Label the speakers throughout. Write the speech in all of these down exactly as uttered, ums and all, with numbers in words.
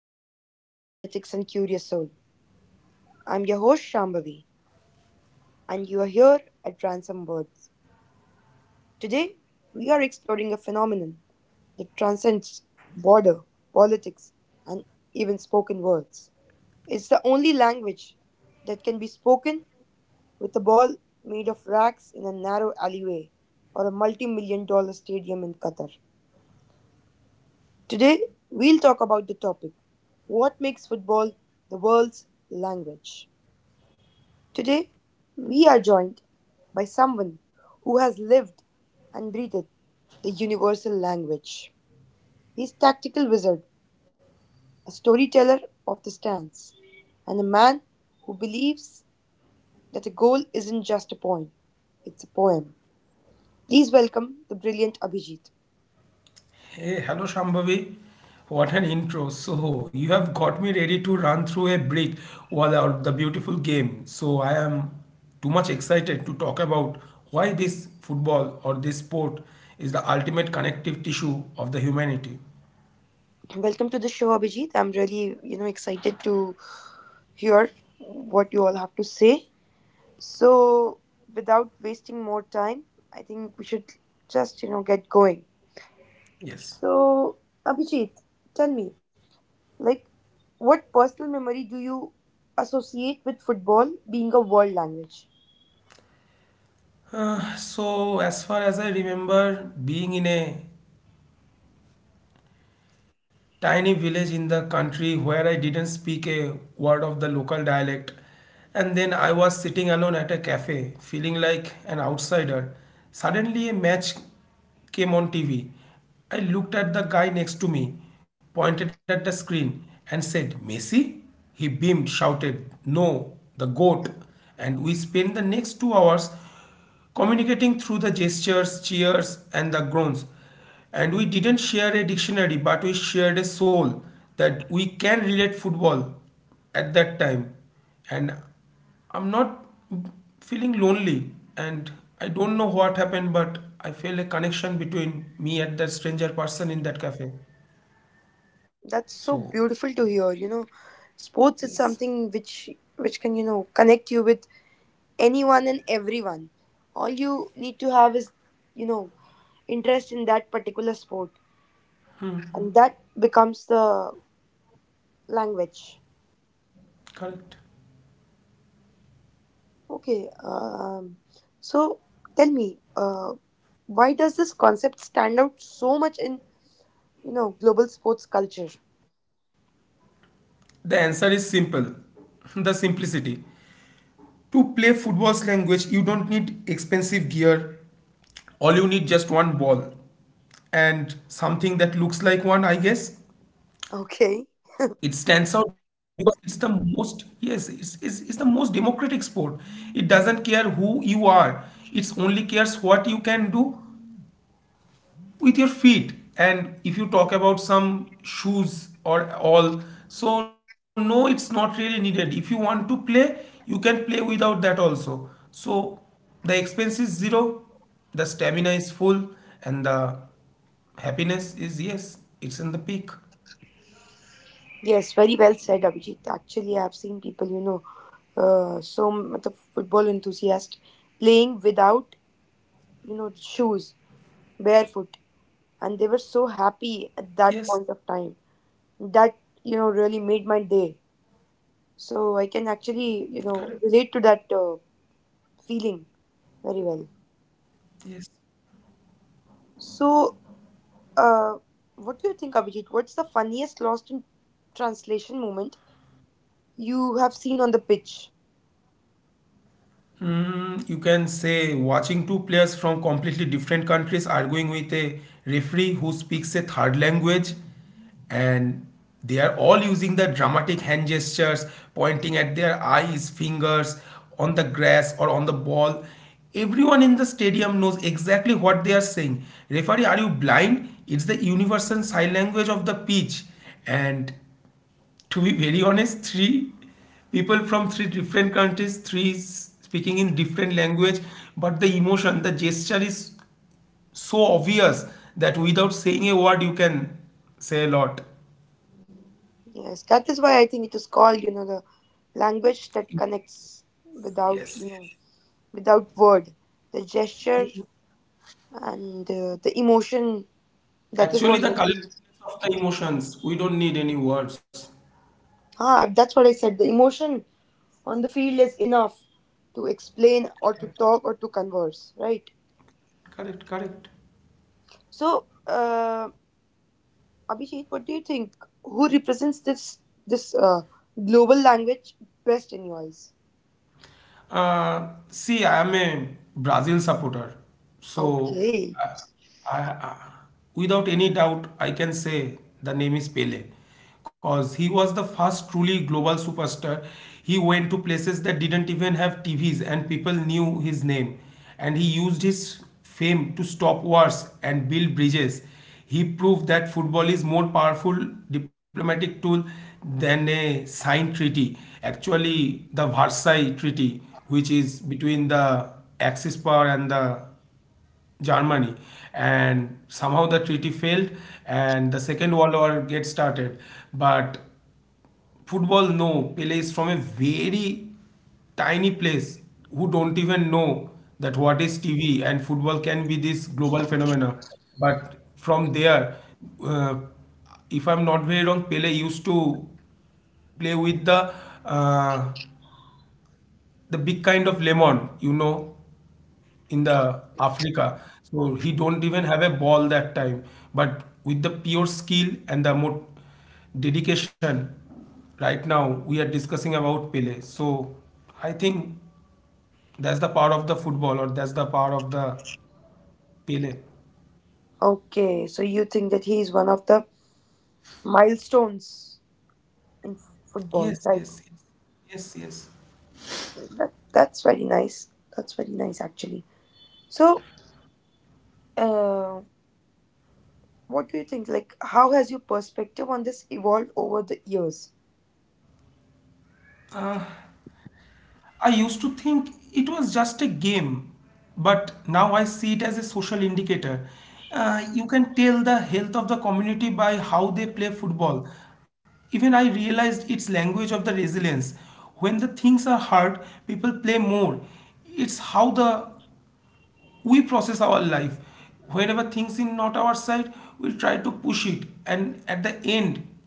Speaker 1: Hello, football fanatics and curious soul. I'm your host Shambhavi, and you are here at Ransom Words. Today, we are exploring a phenomenon that transcends border, politics, and even spoken words. It's the only language that can be spoken with a ball made of rags in a narrow alleyway or a multi million dollar stadium in Qatar. Today, we'll talk about the topic what makes football the world's language? Today, we are joined by someone who has lived and breathed the universal language. He's tactical wizard, a storyteller of the stands, and a man who believes that a goal isn't just a point, it's a poem. Please welcome the brilliant Abhijit.
Speaker 2: Hey, hello Shambhavi. What an intro. So, you have got me ready to run through a brick wall out the beautiful game. So, I am too much excited to talk about why this football or this sport is the ultimate connective tissue of the humanity.
Speaker 1: Welcome to the show, Abhijit. I'm really, you know, excited to hear what you all have to say. So, without wasting more time, I think we should just, you know, get going.
Speaker 2: Yes.
Speaker 1: So, Abhijit, tell me, like, what personal memory do you associate with football being a world language?
Speaker 2: So, as far as I remember, being in a tiny village in the country where I didn't speak a word of the local dialect. And then I was sitting alone at a cafe, feeling like an outsider. Suddenly, a match came on T V. I looked at the guy next to me, pointed at the screen, and said, Messi? He beamed, shouted, No, the goat. And we spent the next two hours communicating through the gestures, cheers, and the groans. And we didn't share a dictionary, but we shared a soul that we can relate football at that time. And I'm not feeling lonely. And I don't know what happened, but I felt a connection between me and that stranger person in that cafe.
Speaker 1: That's
Speaker 2: So,
Speaker 1: so beautiful to hear. You know, sports is
Speaker 2: yes,
Speaker 1: something which which can you know connect you with anyone and everyone. All you need to have is you know interest in that particular sport, and that becomes the language.
Speaker 2: correct.
Speaker 1: Okay. Um, so tell me, uh, why does this concept stand out so much in you know, global sports culture.
Speaker 2: The answer is simple the simplicity. To play football's language, you don't need expensive gear. All you need just one ball and something that looks like one, I guess.
Speaker 1: Okay.
Speaker 2: It stands out because it's the most, yes, it's, it's, it's the most democratic sport. It doesn't care who you are, it only cares what you can do with your feet. And if you talk about some shoes or all, so no, it's not really needed. If you want to play, you can play without that also. So the expense is zero, the stamina is full, and the happiness is yes, it's in the peak.
Speaker 1: Yes, very well said, Abhijit. Actually, I've seen people, you know, uh, so matlab, football enthusiasts playing without, you know, shoes, barefoot, and they were so happy
Speaker 2: Yes,
Speaker 1: at that point of time. That you know really made my day. So I can actually, you
Speaker 2: correct.
Speaker 1: know, relate to that uh, feeling very well.
Speaker 2: Yes.
Speaker 1: So, uh, what do you think, Abhijit? What's the funniest lost in translation moment you have seen on the pitch?
Speaker 2: You can say watching two players from completely different countries arguing with a referee who speaks a third language and they are all using the dramatic hand gestures, pointing at their eyes, fingers on the grass or on the ball. Everyone in the stadium knows exactly what they are saying. Referee, are you blind? It's the universal sign language of the pitch. And to be very honest, three people from three different countries, three is speaking in different language, but the emotion, the gesture is so obvious that without saying a word, you can say a lot.
Speaker 1: Yes, that is why I think it is called, you know, the language that connects without,
Speaker 2: Yes,
Speaker 1: you know,
Speaker 2: yes,
Speaker 1: without word, the gesture
Speaker 2: yes.
Speaker 1: and uh, the emotion. That is
Speaker 2: Actually,
Speaker 1: what
Speaker 2: the
Speaker 1: I
Speaker 2: color
Speaker 1: think.
Speaker 2: of the emotions, we don't need any words.
Speaker 1: Ah, that's what I said. The emotion on the field is enough to explain or to talk or to converse, right?
Speaker 2: Correct, correct.
Speaker 1: So, uh, Abhishek, what do you think? Who represents this this uh, global language best in your eyes?
Speaker 2: Uh, see, I am a Brazil supporter, so
Speaker 1: Okay.
Speaker 2: uh, I, I, without any doubt, I can say the name is Pele, because he was the first truly global superstar. He went to places that didn't even have T Vs, and people knew his name, and he used his fame to stop wars and build bridges. He proved that football is more powerful diplomatic tool than a signed treaty. Actually, the Versailles Treaty, which is between the Axis power and the Germany, and somehow the treaty failed, and the Second World War gets started. But football no Pele is from a very tiny place who don't even know that what is T V and football can be this global phenomena but from there, uh, if I'm not very wrong Pele used to play with the uh, the big kind of lemon you know in the Africa. So he don't even have a ball that time. But with the pure skill and the more dedication, right now we are discussing about Pele. So I think that's the power of the football or that's the power of the Pele.
Speaker 1: Okay, so you think that he is one of the milestones in
Speaker 2: Yes,
Speaker 1: football,
Speaker 2: yes,
Speaker 1: right?
Speaker 2: yes. Yes, yes.
Speaker 1: That, that's very nice. That's very nice, actually. So, uh, what do you think? Like, how has your perspective on this evolved over the years?
Speaker 2: I used to think it was just a game, but now I see it as a social indicator. Uh, you can tell the health of the community by how they play football. Even I realized its language of the resilience. When the things are hard, people play more. It's how the we process our life whenever things in not our side we try to push it and at the end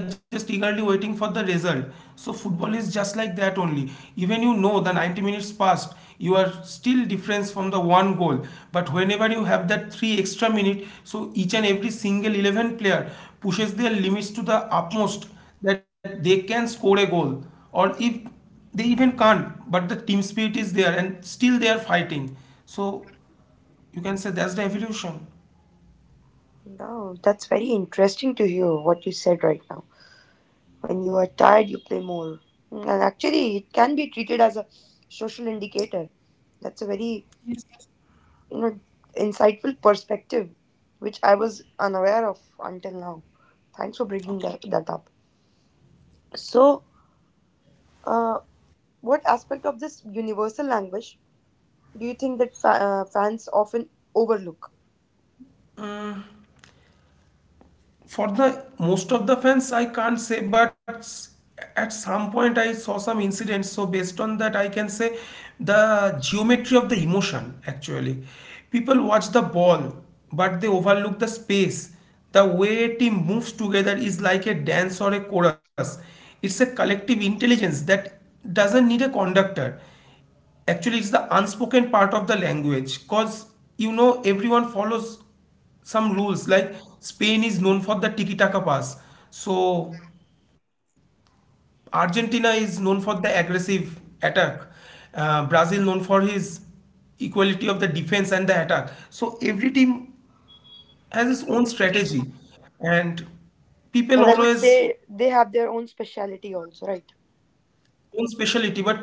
Speaker 2: we are just eagerly waiting for the result, so football is just like that only. Even you know the ninety minutes passed, you are still difference from the one goal, but whenever you have that three extra minute, so each and every single eleven player pushes their limits to the utmost that they can score a goal, or if they even can't, but the team spirit is there and still they are fighting. So you can say that's the evolution.
Speaker 1: Now, that's very interesting to hear what you said right now. When you are tired, you play more. Mm. And actually, it can be treated as a social indicator. That's a very, you know, insightful perspective, which I was unaware of until now. Thanks for bringing that,
Speaker 2: Okay.
Speaker 1: that up. So, Uh, what aspect of this universal language do you think that fa- uh, fans often overlook?
Speaker 2: For the most of the fans, I can't say, but s- at some point I saw some incidents. So based on that, I can say the geometry of the emotion actually. People watch the ball, but they overlook the space. The way a team moves together is like a dance or a chorus. It's a collective intelligence that doesn't need a conductor. Actually, it's the unspoken part of the language because you know everyone follows some rules. Like Spain is known for the tiki taka pass, so Argentina is known for the aggressive attack, uh, Brazil known for his equality of the defense and the attack. So every team has its own strategy, and
Speaker 1: And
Speaker 2: people
Speaker 1: I would
Speaker 2: always
Speaker 1: say they have their own speciality also, right?
Speaker 2: own specialty, but people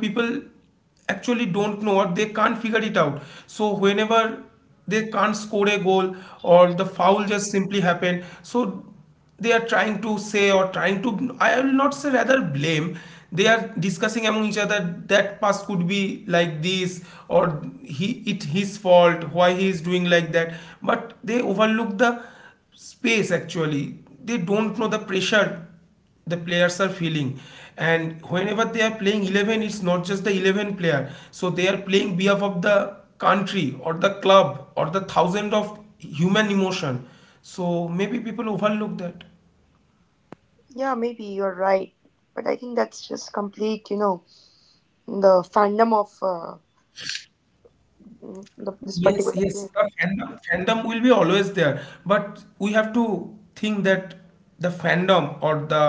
Speaker 2: actually don't know or they can't figure it out. So whenever they can't score a goal or the foul just simply happened, so they are trying to say or trying to, I will not say rather blame. They are discussing among each other that pass could be like this or he it his fault why he is doing like that. But they overlook the space actually. They don't know the pressure the players are feeling, and whenever they are playing eleven, it's not just the eleven player, so they are playing behalf of the country or the club or the thousand of human emotion, so maybe people overlook that.
Speaker 1: Yeah, maybe you're right. But I think that's just complete, you know, the fandom of uh, mm, the, this
Speaker 2: Yes,
Speaker 1: particular game.
Speaker 2: yes, the fandom fandom will be always there, but we have to think that the fandom or the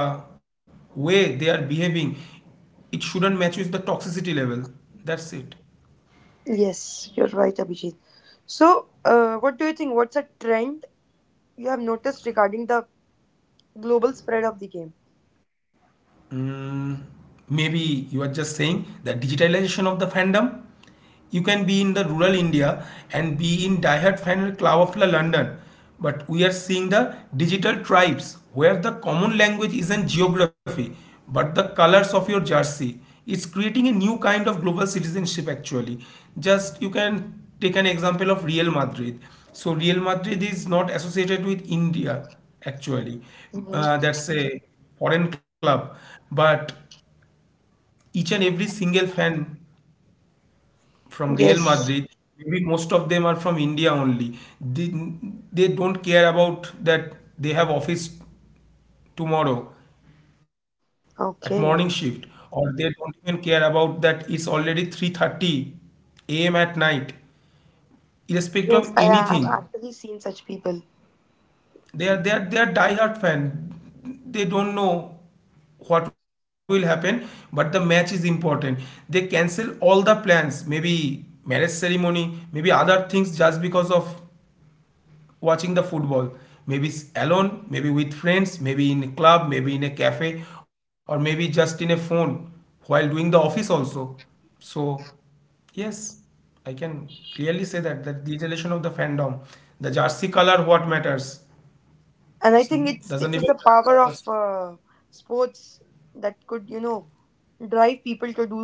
Speaker 2: way they are behaving, it shouldn't match with the toxicity level. That's it.
Speaker 1: Yes, you're right, Abhijit. So, uh, what do you think? What's a trend you have noticed regarding the global spread of the game?
Speaker 2: Mm, maybe you are just saying the digitalization of the fandom. You can be in the rural India and be in Diehard fan of Cloudflare London, but we are seeing the digital tribes where the common language isn't geography but the colors of your jersey. It's creating a new kind of global citizenship actually. Just you can take an example of Real Madrid. So Real Madrid is not associated with India actually.
Speaker 1: Hmm.
Speaker 2: Uh, that's a foreign club, but each and every single fan from Real
Speaker 1: Yes.
Speaker 2: Madrid. Maybe most of them are from India only. They, they don't care about that they have office tomorrow at morning shift,
Speaker 1: Okay.
Speaker 2: or they don't even care about that it's already three thirty a m at night, irrespective of
Speaker 1: Yes, I have
Speaker 2: anything.
Speaker 1: actually seen such people.
Speaker 2: They are they are they are diehard fan. They don't know what will happen, but the match is important. They cancel all the plans, maybe marriage ceremony, maybe other things, just because of watching the football, maybe alone, maybe with friends, maybe in a club, maybe in a cafe, or maybe just in a phone while doing the office also. So yes, I can clearly say that the degeneration of the fandom, the jersey color what matters.
Speaker 1: And I think it's
Speaker 2: It
Speaker 1: it
Speaker 2: doesn't
Speaker 1: is
Speaker 2: even
Speaker 1: the
Speaker 2: matter
Speaker 1: power
Speaker 2: what
Speaker 1: of
Speaker 2: was,
Speaker 1: uh, sports that could you know drive people to do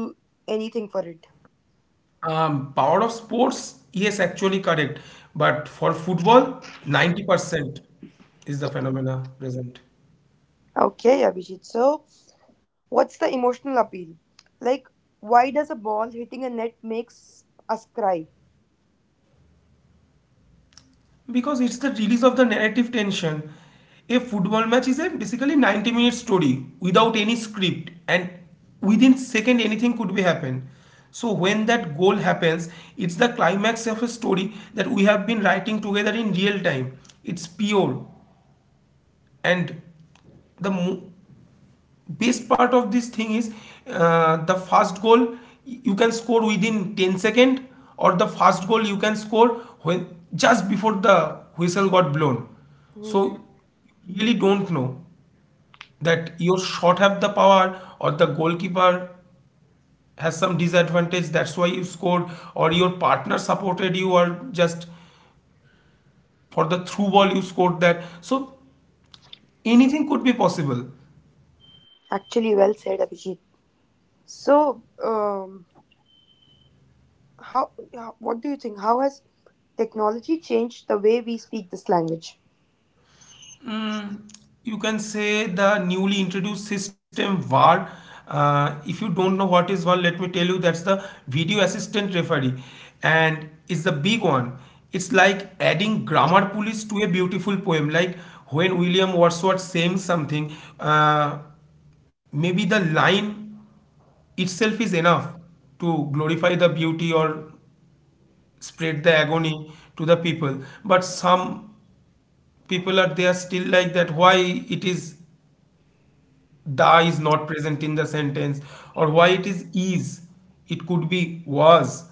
Speaker 1: anything for it.
Speaker 2: um power of sports, yes actually correct, but for football ninety percent is the phenomena present.
Speaker 1: Okay, Abhijit. So what's the emotional appeal, like, why does a ball hitting a net makes us cry?
Speaker 2: Because it's the release of the narrative tension. A football match is a basically ninety minute story without any script, and within second anything could be happen. So when that goal happens, it's the climax of a story that we have been writing together in real time. It's pure. And the mo- best part of this thing is, uh, the fast goal you can score within ten seconds, or the fast goal you can score when just before the whistle got blown, so
Speaker 1: Hmm.
Speaker 2: you really don't know that your shot have the power or the goalkeeper has some disadvantage that's why you scored, or your partner supported you, or just for the through ball you scored that. So anything could be possible.
Speaker 1: Actually well said, Abhijit. So, um how how- what do you think, how has technology changed the way we speak this language?
Speaker 2: You can say the newly introduced system VAR. Uh, if you don't know what is VAR, let me tell you that's the video assistant referee, and it's the big one. It's like adding grammar police to a beautiful poem. Like when William Wordsworth saying something, uh, maybe the line itself is enough to glorify the beauty or spread the agony to the people, but some people are there still like that, why it is the is not present in the sentence, or why it is is it could be was.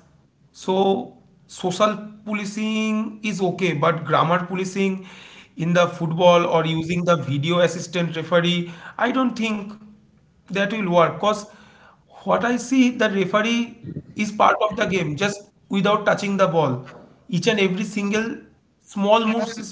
Speaker 2: So social policing is okay, but grammar policing in the football or using the video assistant referee, I don't think that will work, because what I see, the referee is part of the game just without touching the ball. Each and every single small moves is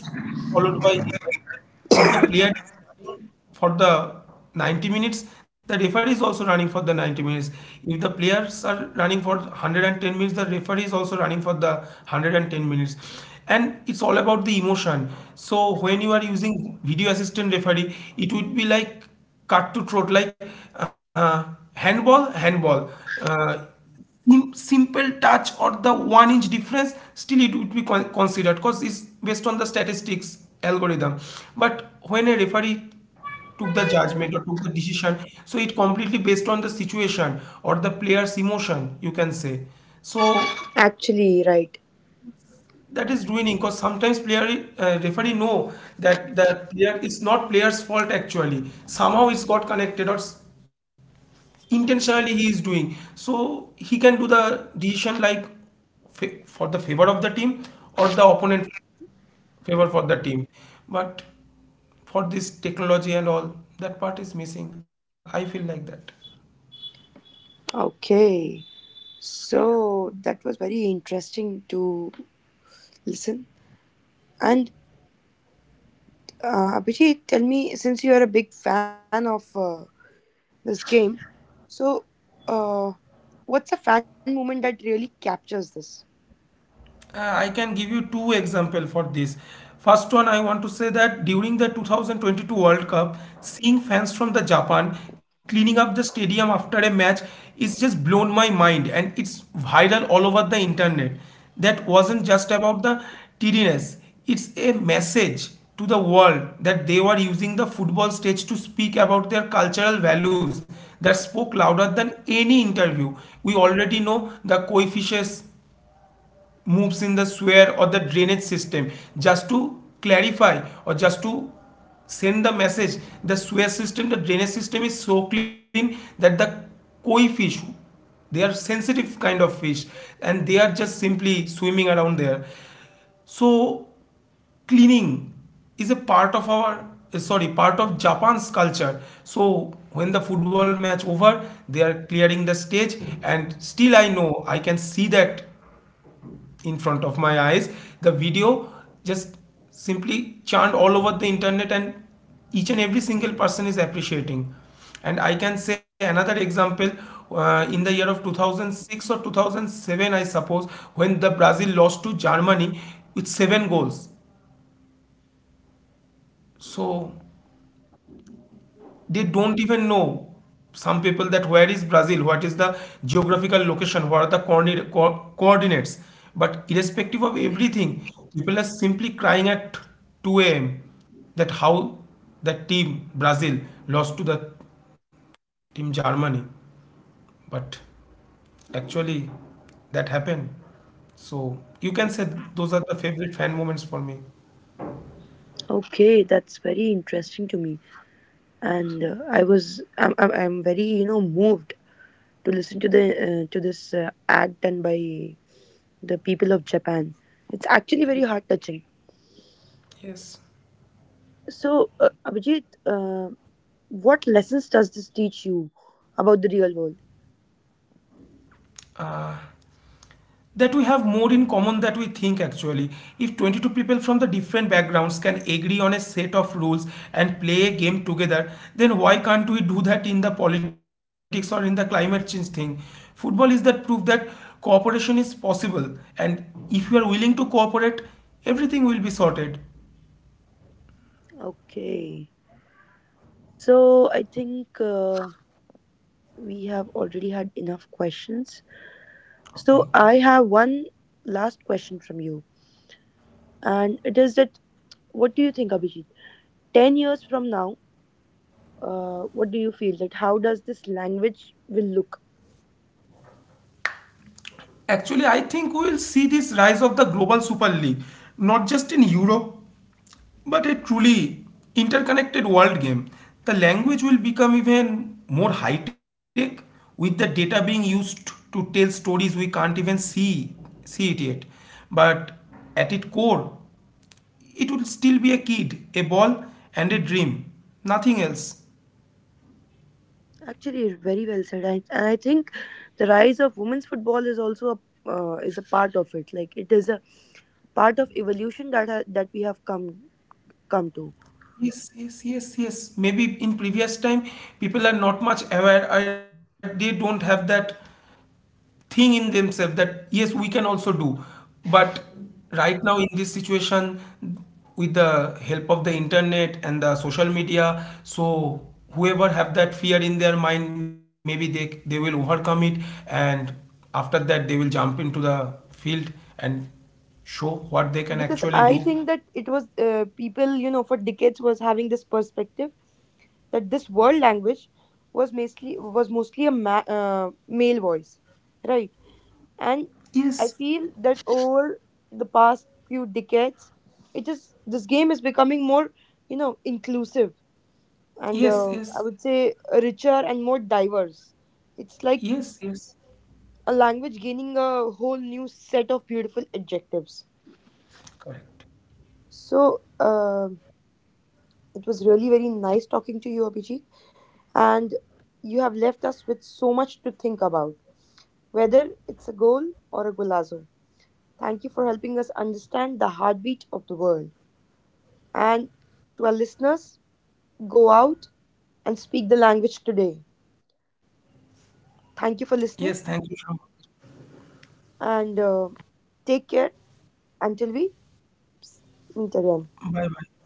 Speaker 2: followed by him. If the player is running for the ninety minutes, the referee is also running for the ninety minutes. If the players are running for one hundred ten minutes, the referee is also running for the one hundred ten minutes. And it's all about the emotion. So when you are using video assistant referee, it would be like cut to throat, like uh, handball, handball. Uh, sim- Simple touch or the one inch difference, still it would be con- considered because it's based on the statistics algorithm. But when a referee took the judgment or took the decision, so it completely based on the situation or the player's emotion, you can say. So
Speaker 1: Actually, right.
Speaker 2: that is ruining because sometimes player uh, referee know that the player, it's not player's fault, actually somehow it's got connected or s- intentionally he is doing, so he can do the decision like fa for the favor of the team or the opponent, favor for the team. But for this technology and all, that part is missing, I feel like that.
Speaker 1: Okay, so that was very interesting to listen, and uh, Abhijit, tell me, since you are a big fan of uh, this game, so uh, what's a fan moment that really captures this?
Speaker 2: Uh, I can give you two example for this. First one, I want to say that during the twenty twenty-two World Cup, seeing fans from the Japan cleaning up the stadium after a match is just blown my mind, and it's viral all over the internet. That wasn't just about the tediness; it's a message to the world that they were using the football stage to speak about their cultural values that spoke louder than any interview. We already know the coefficients moves in the sewer or the drainage system just to clarify or just to send the message. The sewer system, the drainage system is so clean that the koi fish, they are sensitive kind of fish, and they are just simply swimming around there. So cleaning is a part of our uh, sorry, part of Japan's culture. So when the football match over, they are clearing the stage, and still I know I can see that in front of my eyes. The video just simply churned all over the internet, and each and every single person is appreciating. And I can say another example. Uh, in the year of two thousand six or two thousand seven I suppose, when the Brazil lost to Germany with seven goals. So they don't even know, some people, that where is Brazil, what is the geographical location, what are the coordinate, co- coordinates. But irrespective of everything, people are simply crying at two a m that how the team Brazil lost to the team Germany. But actually, that happened. So you can say those are the favorite fan moments for me.
Speaker 1: Okay, that's very interesting to me, and uh, I was I'm, I'm I'm very you know moved to listen to the uh, to this uh, act done by the people of Japan. It's actually very heart
Speaker 2: Yes.
Speaker 1: touching.
Speaker 2: Yes.
Speaker 1: So, uh, Abhijit, uh, what lessons does this teach you about the real world?
Speaker 2: That we have more in common than we think actually. If twenty-two people from the different backgrounds can agree on a set of rules and play a game together, then why can't we do that in the politics or in the climate change thing? Football is that proof that cooperation is possible, and if you are willing to cooperate, everything will be sorted.
Speaker 1: Okay. So I think uh, we have already had enough questions.
Speaker 2: Okay.
Speaker 1: So I have one last question from you, and it is that what do you think, Abhijit? Ten years from now, uh, what do you feel, that how does this language will look?
Speaker 2: Actually, I think we will see this rise of the global super league, not just in Europe, but a truly interconnected world game. The language will become even more high tech, with the data being used to tell stories we can't even see see it yet. But at its core, it will still be a kid, a ball and a dream. Nothing else.
Speaker 1: Actually, very well said, I, and I think the rise of women's football is also a uh, is a part of it. Like it is a part of evolution that ha- that we have come come to.
Speaker 2: Yes, yes, yes, yes. Maybe in previous time people are not much aware or they don't have that thing in themselves that yes we can also do. But right now in this situation, with the help of the internet and the social media, so whoever have that fear in their mind, maybe they they will overcome it, and after that they will jump into the field and show what they can
Speaker 1: Because
Speaker 2: actually do.
Speaker 1: I think that it was uh, people, you know, for decades was having this perspective that this world language was mostly was mostly a ma- uh, male voice, right? And I
Speaker 2: Yes,
Speaker 1: feel that over the past few decades, it is, this game is becoming more, you know, inclusive, and uh,
Speaker 2: yes,
Speaker 1: I
Speaker 2: yes,
Speaker 1: would say richer and more diverse. It's like
Speaker 2: yes, yes.
Speaker 1: a language gaining a whole new set of beautiful adjectives.
Speaker 2: Correct.
Speaker 1: So, um it was really very nice talking to you, Abhijit, and you have left us with so much to think about, whether it's a goal or a golazo. Thank you for helping us understand the heartbeat of the world. And to our listeners, go out and speak the language today. Thank you for
Speaker 2: Yes,
Speaker 1: listening
Speaker 2: thank you, Sham.
Speaker 1: and uh, take care until we meet again.
Speaker 2: Bye bye.